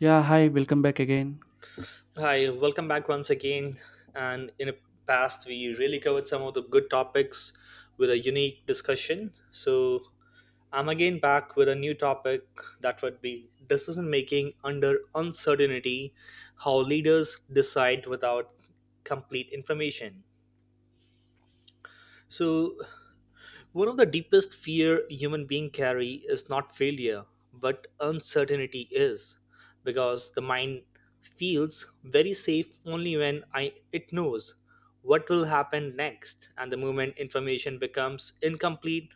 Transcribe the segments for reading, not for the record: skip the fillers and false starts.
Yeah, hi, welcome back again. Hi, welcome back once again. And in the past, we really covered some of the good topics with a unique discussion. So I'm again back with a new topic that would be decision making under uncertainty, how leaders decide without complete information. So one of the deepest fear human being carry is not failure, but uncertainty is, because the mind feels very safe only when it knows what will happen next, and the moment information becomes incomplete,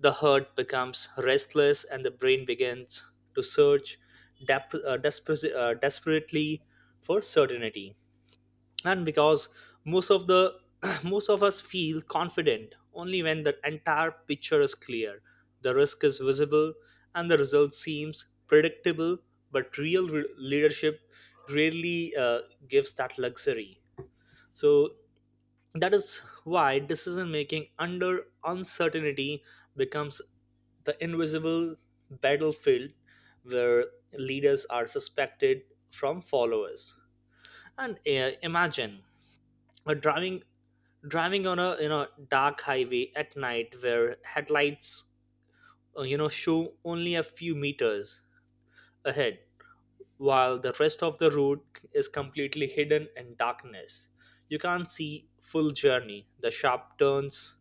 the heart becomes restless, and the brain begins to search desperately for certainty. And because most of the most of us feel confident only when the entire picture is clear, the risk is visible, and the result seems predictable, but real leadership rarely gives that luxury. So that is why decision making under uncertainty becomes the invisible battlefield where leaders are suspected from followers. And imagine a driving on a dark highway at night where headlights show only a few meters ahead, while the rest of the road is completely hidden in darkness. You can't see full journey, the sharp turns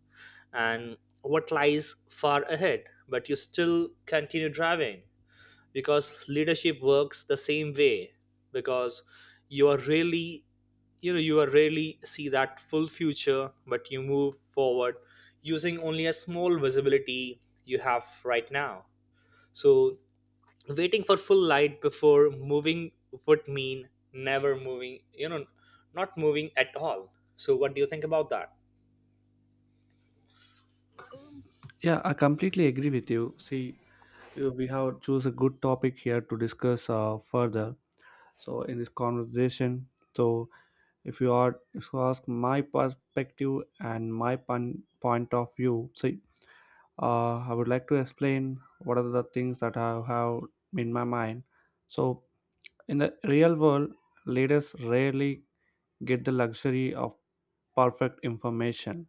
and what lies far ahead, but you still continue driving, because leadership works the same way. Because you are really you are really see that full future, but you move forward using only a small visibility you have right now. So waiting for full light before moving would mean never moving, not moving at all. So what do you think about that? Yeah, I completely agree with you. See, we have choose a good topic here to discuss further. So in this conversation, so if you ask my perspective and my point of view, so I would like to explain what are the things that I have in my mind. So, in the real world, leaders rarely get the luxury of perfect information.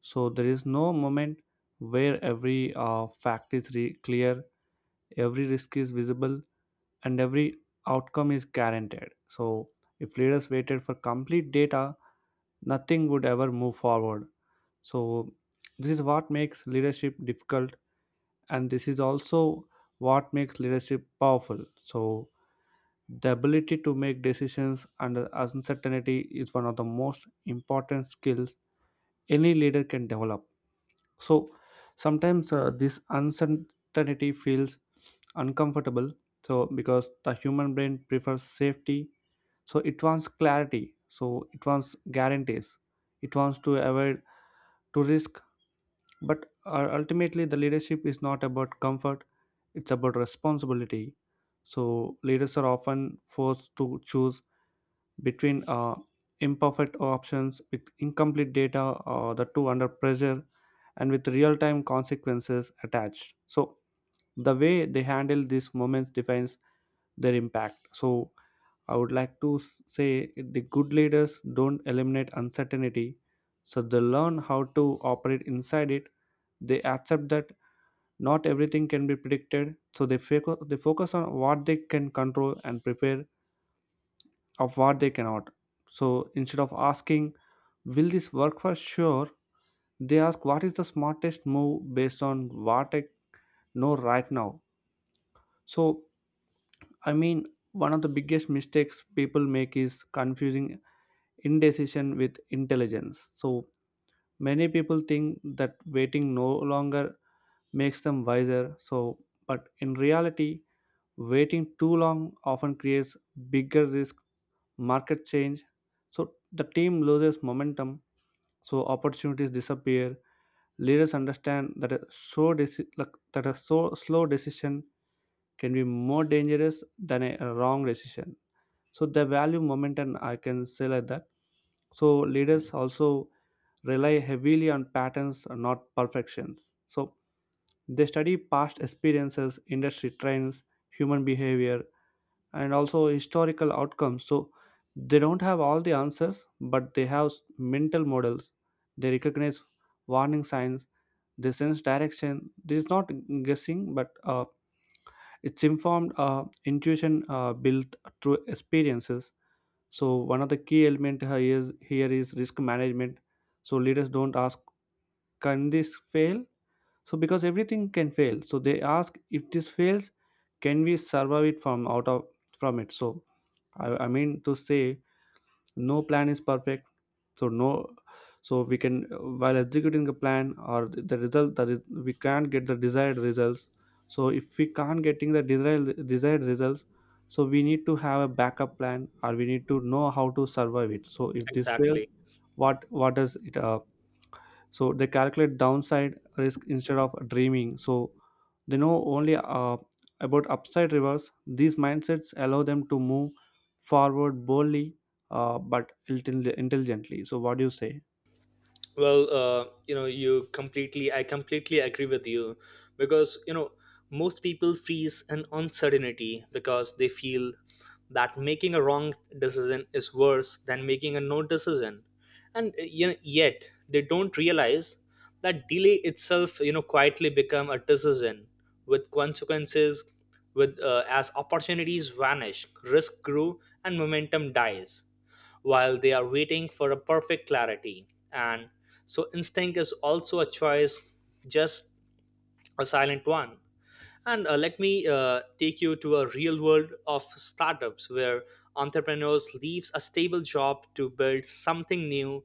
So, there is no moment where every fact is clear, every risk is visible, and every outcome is guaranteed. So, if leaders waited for complete data, nothing would ever move forward. So, this is what makes leadership difficult, and this is also what makes leadership powerful. So the ability to make decisions under uncertainty is one of the most important skills any leader can develop. So sometimes this uncertainty feels uncomfortable, so because the human brain prefers safety, so it wants clarity, so it wants guarantees, it wants to avoid to risk. But ultimately, the leadership is not about comfort, it's about responsibility. So, leaders are often forced to choose between imperfect options with incomplete data, or the two under pressure, and with real time consequences attached. So, the way they handle these moments defines their impact. So, I would like to say the good leaders don't eliminate uncertainty, so they learn how to operate inside it. They accept that not everything can be predicted, so they focus on what they can control and prepare of what they cannot. So instead of asking, will this work for sure, they ask what is the smartest move based on what I know right now. So, I mean, one of the biggest mistakes people make is confusing indecision with intelligence. So many people think that waiting no longer makes them wiser. So, but in reality, waiting too long often creates bigger risk, market change. So the team loses momentum. So opportunities disappear. Leaders understand that a so deci- like, that a so slow decision can be more dangerous than a wrong decision. So they value momentum, I can say like that. So leaders also rely heavily on patterns, not perfections. So they study past experiences, industry trends, human behavior, and also historical outcomes. So they don't have all the answers, but they have mental models. They recognize warning signs. They sense direction. This is not guessing, but it's informed intuition built through experiences. So one of the key element here is risk management. So leaders don't ask, can this fail? So because everything can fail, so they ask if this fails, can we survive it from out of from it? So I mean to say no plan is perfect, so no, so we can while executing a plan or the result that is we can't get the desired results. So if we can't getting the desired results, so we need to have a backup plan, or we need to know how to survive it. So if this fails, Exactly. What does it so they calculate downside risk instead of dreaming. So they know only about upside rivers. These mindsets allow them to move forward boldly, but intelligently. So, what do you say? Well, you know you completely I completely agree with you. Because you know, most people freeze in uncertainty because they feel that making a wrong decision is worse than making a no decision. And you know, yet they don't realize that delay itself, you know, quietly become a decision with consequences, with as opportunities vanish, risk grew and momentum dies, while they are waiting for a perfect clarity. And so, instinct is also a choice, just a silent one. And let me take you to a real world of startups, where entrepreneurs leaves a stable job to build something new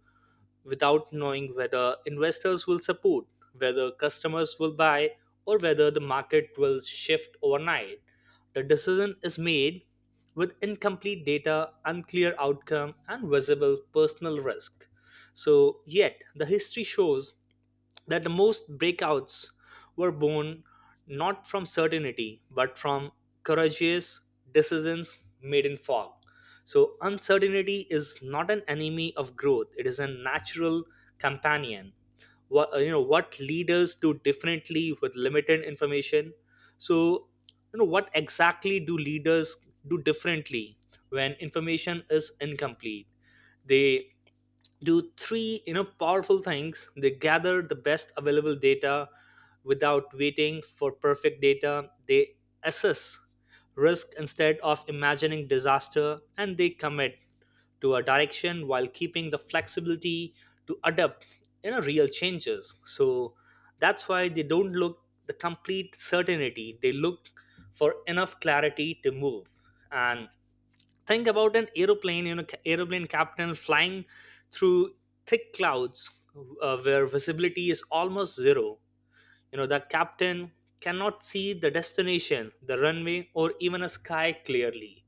without knowing whether investors will support, whether customers will buy, or whether the market will shift overnight. The decision is made with incomplete data, unclear outcome, and visible personal risk. So, yet, the history shows that the most breakouts were born not from certainty but from courageous decisions made in fog. So, uncertainty is not an enemy of growth, it is a natural companion. What, you know, what leaders do differently with limited information. So, you know, what exactly do leaders do differently when information is incomplete? They do three, you know, powerful things. They gather the best available data without waiting for perfect data. They assess risk instead of imagining disaster, and they commit to a direction while keeping the flexibility to adapt, you know, real changes. So that's why they don't look the complete certainty, they look for enough clarity to move. And think about an aeroplane, you know, aeroplane captain flying through thick clouds, where visibility is almost zero. You know, the captain cannot see the destination, the runway, or even a sky clearly,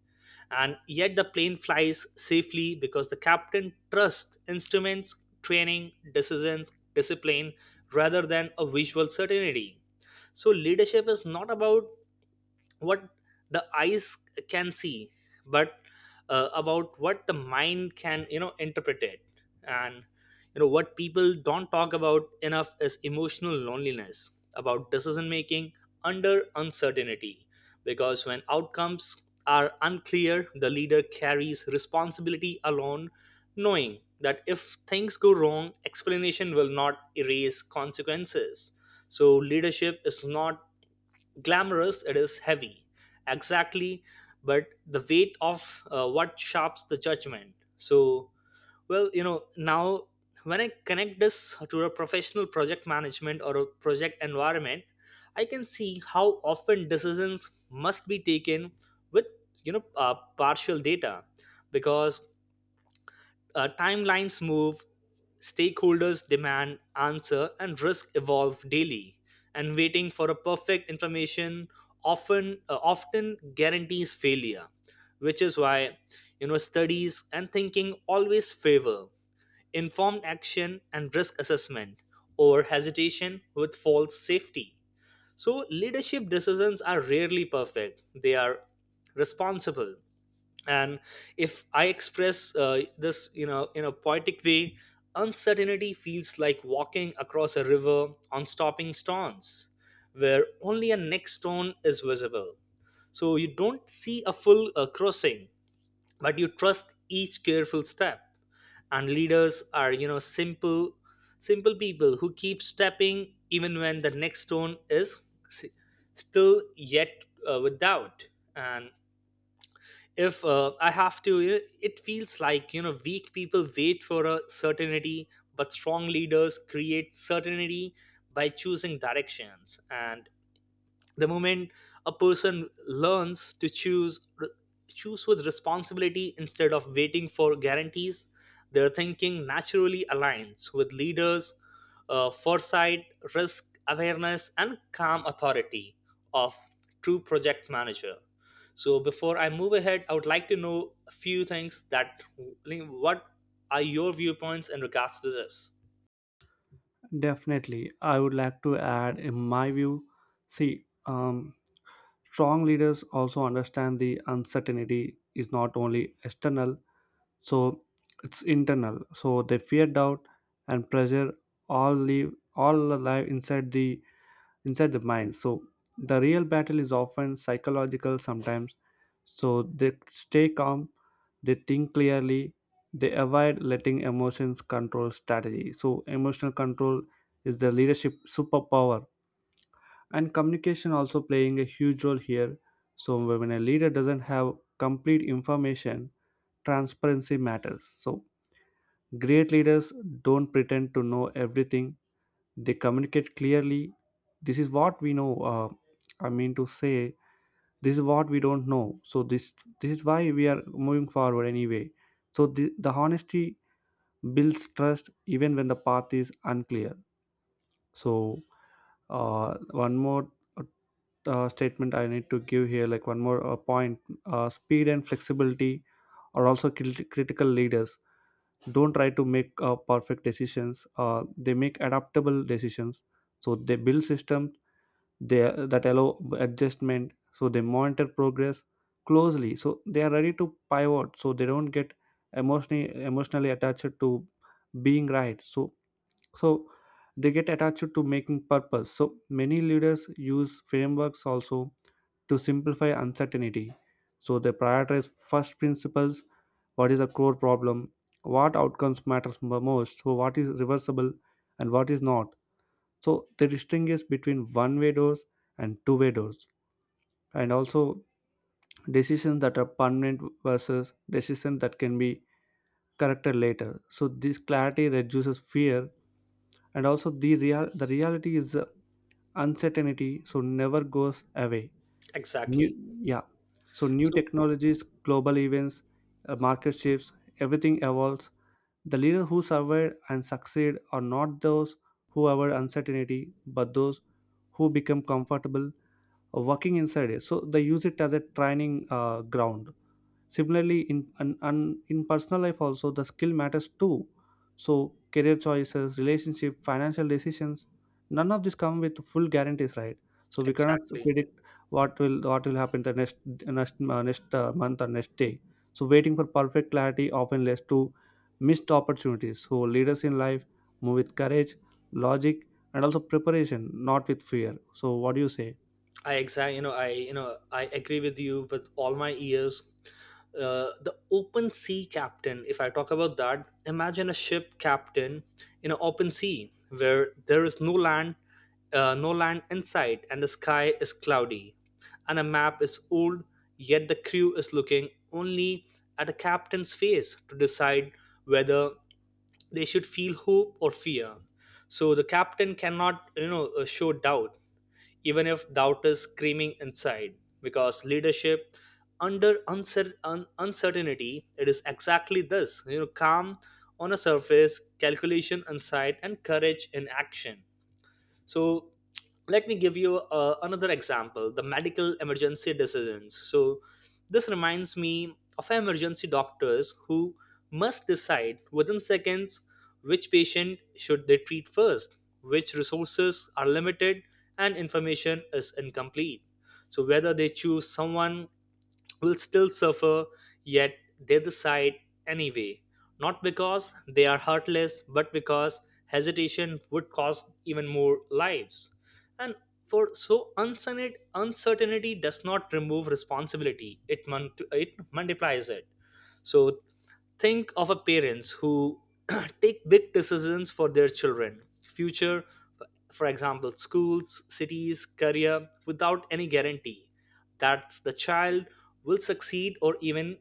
and yet the plane flies safely because the captain trusts instruments, training, decisions, discipline, rather than a visual certainty. So leadership is not about what the eyes can see, but about what the mind can, you know, interpret it. And you know, what people don't talk about enough is emotional loneliness about decision making under uncertainty, because when outcomes are unclear the leader carries responsibility alone, knowing that if things go wrong explanation will not erase consequences. So leadership is not glamorous, it is heavy. Exactly. But the weight of what sharps the judgment. So well, you know, now when I connect this to a professional project management or a project environment, I can see how often decisions must be taken with, partial data, because timelines move, stakeholders demand answer, and risk evolve daily. And waiting for a perfect information often guarantees failure, which is why, you know, studies and thinking always favor informed action and risk assessment over hesitation with false safety. So leadership decisions are rarely perfect; they are responsible. And if I express this, you know, in a poetic way, uncertainty feels like walking across a river on stopping stones, where only a next stone is visible. So you don't see a full crossing, but you trust each careful step. And leaders are, you know, simple people who keep stepping even when the next stone is s- still yet with doubt. And if I have to, it feels like, you know, weak people wait for a certainty, but strong leaders create certainty by choosing directions. And the moment a person learns to choose with responsibility instead of waiting for guarantees, their thinking naturally aligns with leaders' foresight, risk awareness, and calm authority of true project manager. So before I move ahead, I would like to know a few things, that what are your viewpoints in regards to this? Definitely, I would like to add, in my view, see, strong leaders also understand the uncertainty is not only external, so it's internal, so they fear doubt and pressure all alive inside the mind. So the real battle is often psychological sometimes. So they stay calm, they think clearly, they avoid letting emotions control strategy. So emotional control is the leadership superpower. And communication also playing a huge role here. So when a leader doesn't have complete information, transparency matters. So great leaders don't pretend to know everything, they communicate clearly. This is what we know. I mean to say, this is what we don't know. So, this is why we are moving forward anyway. So, the honesty builds trust even when the path is unclear. So, one more statement I need to give here, like one more point, speed and flexibility are also critical. Leaders don't try to make perfect decisions, they make adaptable decisions. So they build systems they that allow adjustment, so they monitor progress closely, so they are ready to pivot, so they don't get emotionally attached to being right. So so they get attached to making purpose. So many leaders use frameworks also to simplify uncertainty. So they prioritize first principles: what is a core problem, what outcomes matters most, so what is reversible and what is not. So they distinguish between one way doors and two-way doors, and also decisions that are permanent versus decisions that can be corrected later. So this clarity reduces fear. And also the real the reality is uncertainty so never goes away. New, Exactly. yeah, so new So technologies, global events, market shifts, everything evolves. The leaders who survive and succeed are not those who avoid uncertainty, but those who become comfortable working inside it. So they use it as a training ground. Similarly, in personal life also the skill matters too. So career choices, relationship, financial decisions, none of this come with full guarantees, right? So we cannot exactly. predict what will happen the next month or next day. So waiting for perfect clarity often leads to missed opportunities. So leaders in life move with courage, logic, and also preparation, not with fear. So what do you say? I I agree with you with all my ears. The open sea captain. If I talk about that, imagine a ship captain in an open sea where there is no land, no land in sight, and the sky is cloudy, and the map is old. Yet the crew is looking only at a captain's face to decide whether they should feel hope or fear. So the captain cannot, you know, show doubt, even if doubt is screaming inside. Because leadership under uncertainty, it is exactly this, you know, calm on a surface, calculation inside, and courage in action. So let me give you another example, the medical emergency decisions. So this reminds me of emergency doctors who must decide within seconds which patient should they treat first, which resources are limited and information is incomplete. So whether they choose someone will still suffer, yet they decide anyway. Not because they are heartless, but because hesitation would cost even more lives. And for so uncertainty does not remove responsibility; it multiplies it. So think of a parents who take big decisions for their children future, for example schools, cities, career, without any guarantee that the child will succeed or even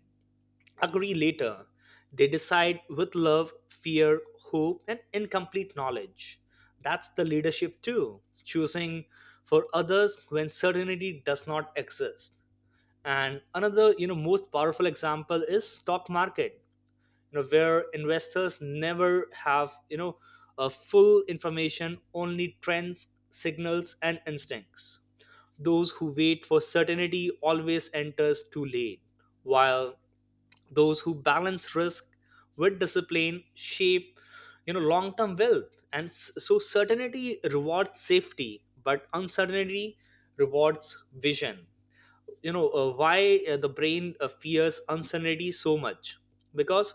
agree later. They decide with love, fear, hope, and incomplete knowledge. That's the leadership, too, choosing for others when certainty does not exist. And another, you know, most powerful example is stock market, you know, where investors never have, you know, a full information, only trends, signals, and instincts. Those who wait for certainty always enters too late, while those who balance risk with discipline shape, you know, long term wealth. And so certainty rewards safety, but uncertainty rewards vision. You know, why the brain fears uncertainty so much? Because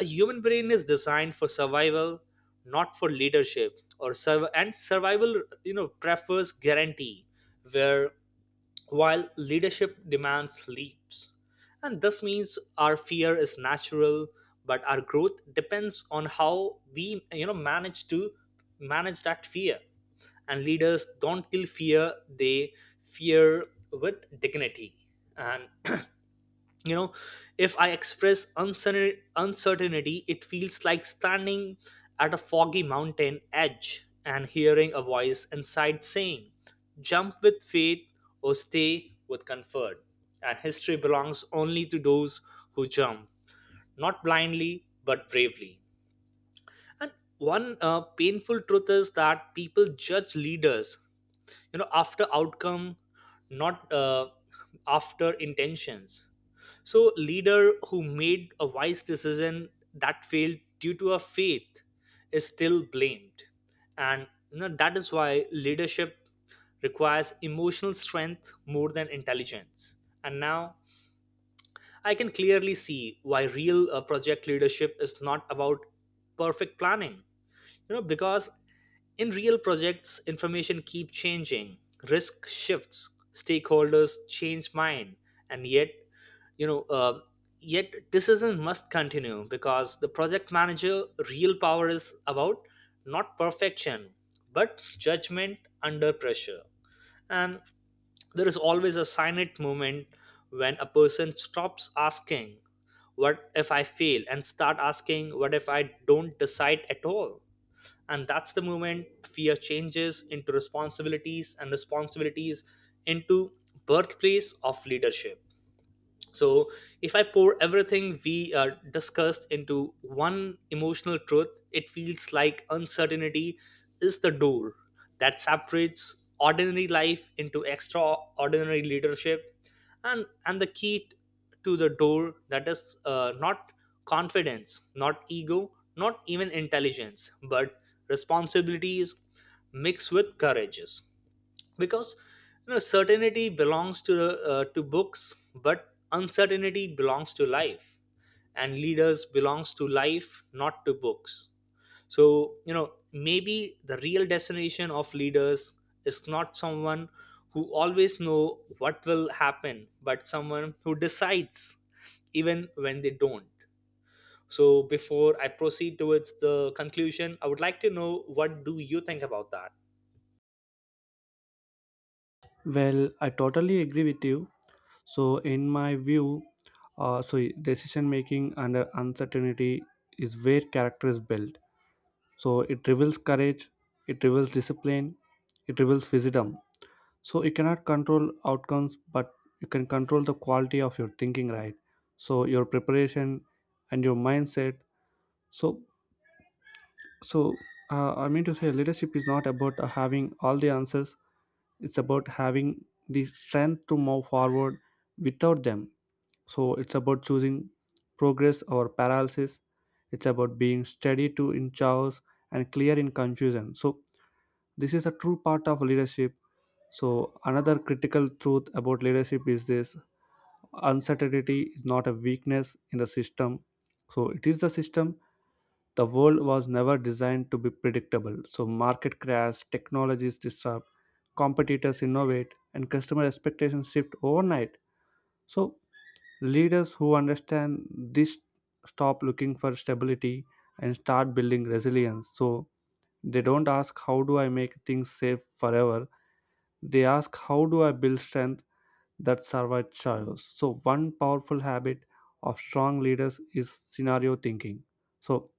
a human brain is designed for survival, not for leadership or serve, and survival, you know, prefers guarantee, where while leadership demands leaps. And this means our fear is natural, but our growth depends on how we, you know, manage that fear. And leaders don't kill fear, they fear with dignity. And you know, if I express uncertainty, it feels like standing at a foggy mountain edge and hearing a voice inside saying, jump with faith or stay with comfort. And history belongs only to those who jump, not blindly but bravely. And one painful truth is that people judge leaders, you know, after outcome, not after intentions. So, leader who made a wise decision that failed due to a faith is still blamed. And you know, that is why leadership requires emotional strength more than intelligence. And now I can clearly see why real project leadership is not about perfect planning, because in real projects information keep changing, risk shifts, stakeholders change mind, and yet you know uh, yet decision must continue because the project manager real power is about not perfection but judgment under pressure. And there is always a silent moment when a person stops asking what if I fail and start asking what if I don't decide at all. And that's the moment fear changes into responsibilities and responsibilities into birthplace of leadership. So if I pour everything we discussed into one emotional truth, it feels like uncertainty is the door that separates ordinary life into extraordinary leadership. And the key to the door, that is not confidence, not ego, not even intelligence, but responsibilities mixed with courages. Because you know certainty belongs to books but uncertainty belongs to life, and leaders belongs to life not to books. So you know maybe the real destination of leaders is not someone who always know what will happen but someone who decides even when they don't. So before I proceed towards the conclusion, I would like to know what do you think about that. Well, I totally agree with you. So, in my view, so decision making under uncertainty is where character is built. So, it reveals courage, it reveals discipline, it reveals wisdom. So, you cannot control outcomes, but you can control the quality of your thinking, right? So, your preparation and your mindset. So, so I mean to say, leadership is not about having all the answers. It's about having the strength to move forward without them. So it's about choosing progress or paralysis. It's about being steady to in chaos and clear in confusion. So this is a true part of leadership. So another critical truth about leadership is this: uncertainty is not a weakness in the system. So it is the system. The world was never designed to be predictable. So market crash, technologies disrupt, competitors innovate, and customer expectations shift overnight. So leaders who understand this stop looking for stability and start building resilience. So they don't ask, how do I make things safe forever? They ask, how do I build strength that survives chaos? So, one powerful habit of strong leaders is scenario thinking. So,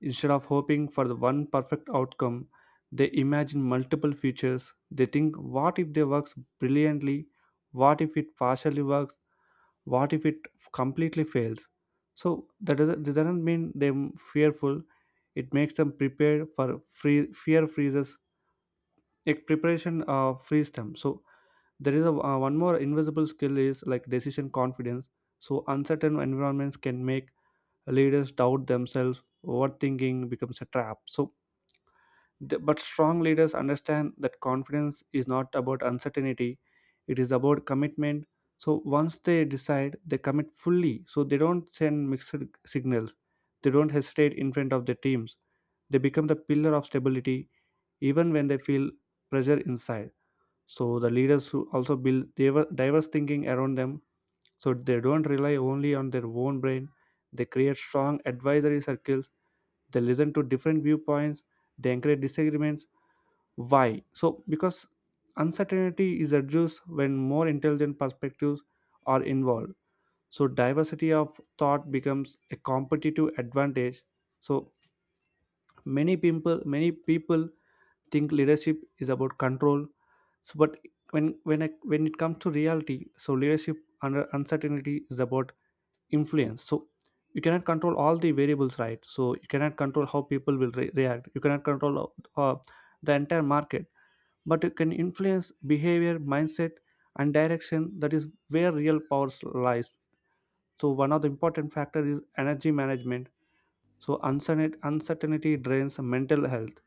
instead of hoping for the one perfect outcome, they imagine multiple futures. They think, what if they works brilliantly? What if it partially works? What if it completely fails? So that doesn't mean them fearful, it makes them prepared. For free fear freezes, like preparation frees them. So there is a, one more invisible skill is like decision confidence. So uncertain environments can make leaders doubt themselves, overthinking becomes a trap. So but strong leaders understand that confidence is not about uncertainty, it is about commitment. So once they decide, they commit fully. So they don't send mixed signals, they don't hesitate in front of their teams. They become the pillar of stability even when they feel pressure inside. So the leaders who also build diverse thinking around them. So they don't rely only on their own brain. They create strong advisory circles, they listen to different viewpoints, they encourage disagreements. Why? So, because uncertainty is reduced when more intelligent perspectives are involved. So, diversity of thought becomes a competitive advantage. So, many people think leadership is about control. So, but when it comes to reality, so leadership under uncertainty is about influence. So, you cannot control all the variables, right? So, you cannot control how people will react. You cannot control the entire market, but it can influence behavior, mindset, and direction. That is where real power lies. So one of the important factor is energy management. So uncertainty drains mental health.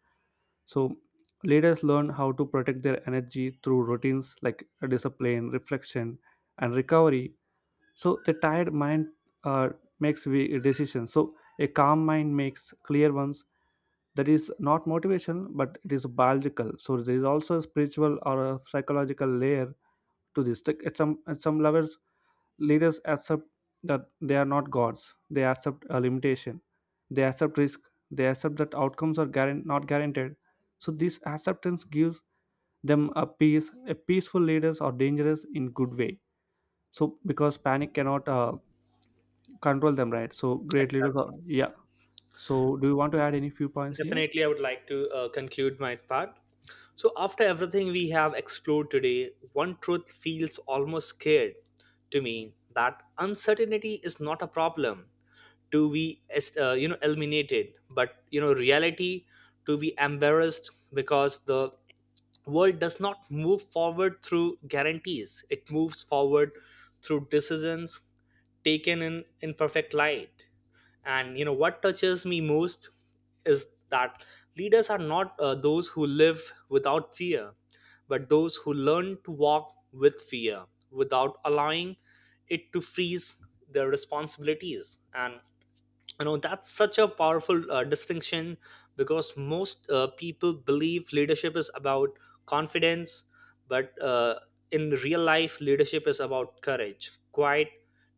So leaders learn how to protect their energy through routines like discipline, reflection, and recovery. So the tired mind uh, makes we decisions. So a calm mind makes clear ones. That is not motivation, but it is biological. So there is also a spiritual or a psychological layer to this. Like, at some levels leaders accept that they are not gods, they accept a limitation, they accept risk, they accept that outcomes are not guaranteed. So this acceptance gives them a peace. A peaceful leaders are dangerous in good way. So because panic cannot control them, right? So great leaders Exactly. are, yeah, so do you want to add any few points here? Definitely, I would like to conclude my part. So, after everything we have explored today, one truth feels almost scared to me, that uncertainty is not a problem to be you know eliminated, but you know reality to be embarrassed, because the world does not move forward through guarantees, it moves forward through decisions taken in imperfect light. And you know what touches me most is that leaders are not those who live without fear, but those who learn to walk with fear without allowing it to freeze their responsibilities. And you know that's such a powerful distinction, because most people believe leadership is about confidence, but in real life leadership is about courage, quiet,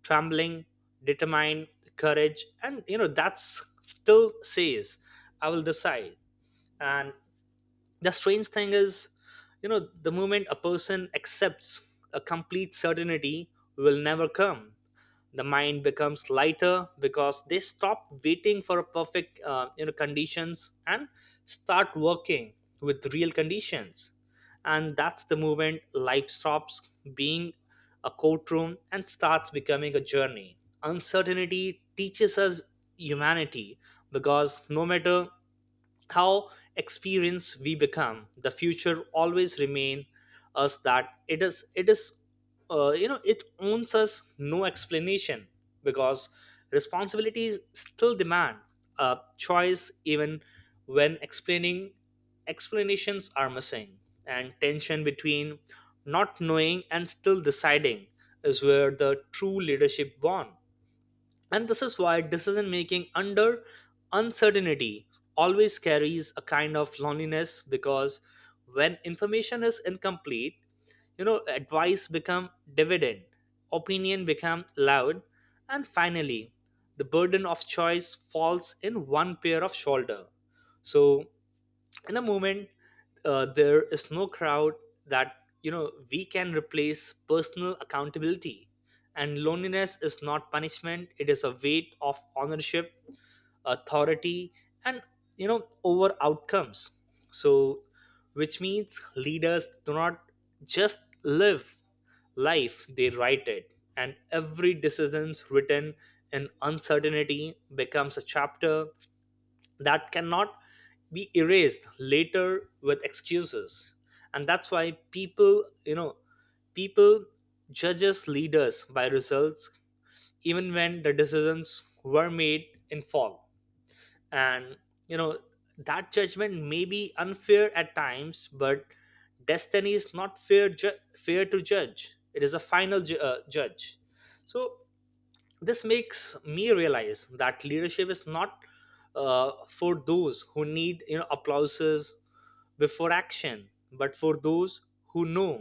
trembling, determined courage. And you know that's still says I will decide. And the strange thing is, you know, the moment a person accepts a complete certainty will never come, the mind becomes lighter because they stop waiting for a perfect you know conditions and start working with real conditions. And that's the moment life stops being a courtroom and starts becoming a journey. Uncertainty teaches us humanity, because no matter how experience we become, the future always remain us, that it is you know, it owns us no explanation, because responsibilities still demand a choice even when explaining explanations are missing. And tension between not knowing and still deciding is where the true leadership born. And this is why decision making under uncertainty always carries a kind of loneliness, because when information is incomplete, you know, advice become dividend, opinion become loud, and finally, the burden of choice falls in one pair of shoulder. So in a moment there is no crowd that you know we can replace personal accountability, and loneliness is not punishment, it is a weight of ownership, authority, and you know over outcomes. So which means leaders do not just live life, they write it, and every decision's written in uncertainty becomes a chapter that cannot be erased later with excuses. And that's why people, you know, people judges leaders by results even when the decisions were made in fall. And you know that judgment may be unfair at times, but destiny is not fair fair to judge, it is a final judge. So this makes me realize that leadership is not for those who need you know applauses before action, but for those who know,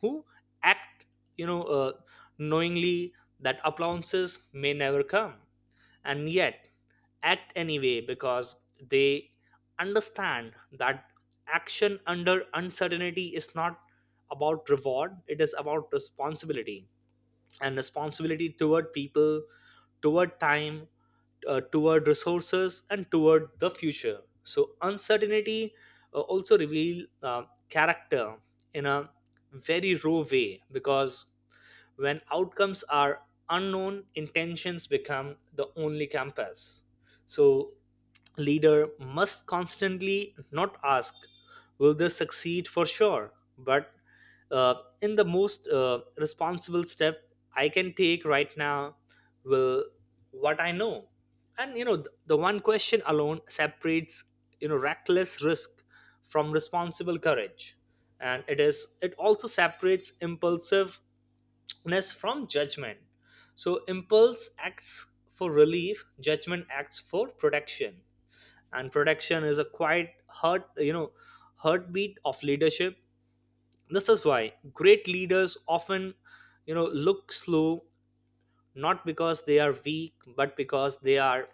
who act, you know uh, knowingly that applauses may never come, and yet act anyway, because they understand that action under uncertainty is not about reward, it is about responsibility. And responsibility toward people, toward time, toward resources, and toward the future. So uncertainty also reveal character in a very raw way, because when outcomes are unknown, intentions become the only compass. So leader must constantly not ask will this succeed for sure, but uh, in the most responsible step I can take right now, will what I know. And you know the one question alone separates you know reckless risk from responsible courage, and it is it also separates impulsiveness from judgment. So impulse acts for relief, judgment acts for protection, and protection is a quiet heart, you know, heartbeat of leadership. This is why great leaders often you know look slow, not because they are weak, but because they are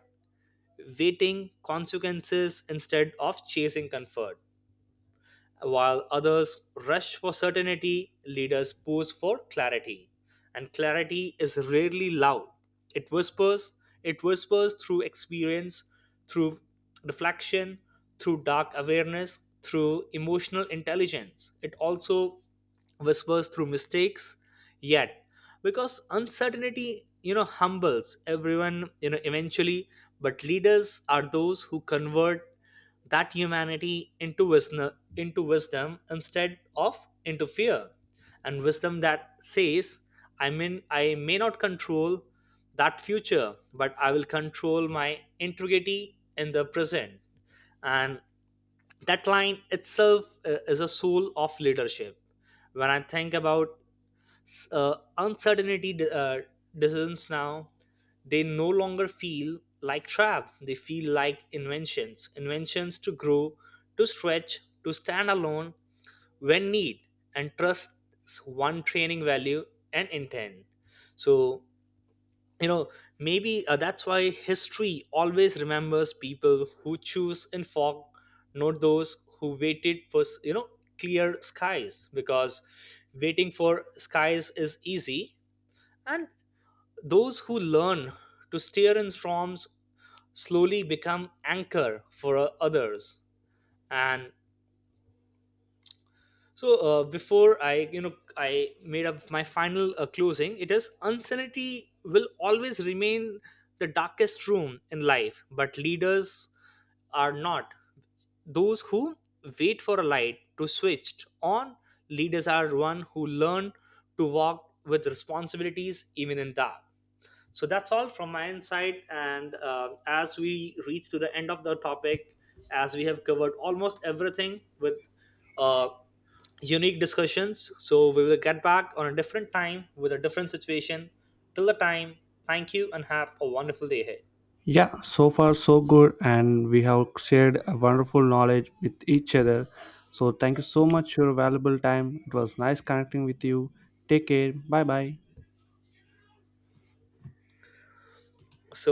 waiting consequences instead of chasing comfort. While others rush for certainty, leaders pose for clarity. And clarity is rarely loud. It whispers, it whispers through experience, through reflection, through dark awareness, through emotional intelligence. It also whispers through mistakes yet, because uncertainty you know humbles everyone you know eventually, but leaders are those who convert that humanity into wisdom, into wisdom instead of into fear. And wisdom that says, I mean, I may not control that future, but I will control my integrity in the present. And that line itself is a soul of leadership. When I think about uncertainty decisions now, they no longer feel like trap, they feel like inventions, inventions to grow, to stretch, to stand alone when need, and trust one training value and intent. So you know maybe that's why history always remembers people who choose in fog, not those who waited for you know clear skies, because waiting for skies is easy. And those who learn to steer in storms slowly become anchor for others. And so before I, you know, I made up my final closing. It is unsanity will always remain the darkest room in life, but leaders are not those who wait for a light to switch on. Leaders are one who learn to walk with responsibilities even in dark. So that's all from my insight. And as we reach to the end of the topic, as we have covered almost everything with uh, unique discussions, so we will get back on a different time with a different situation. Till the time, thank you and have a wonderful day ahead. Yeah, so far so good, and we have shared a wonderful knowledge with each other. So, thank you so much for your valuable time. It was nice connecting with you. Take care. Bye bye. So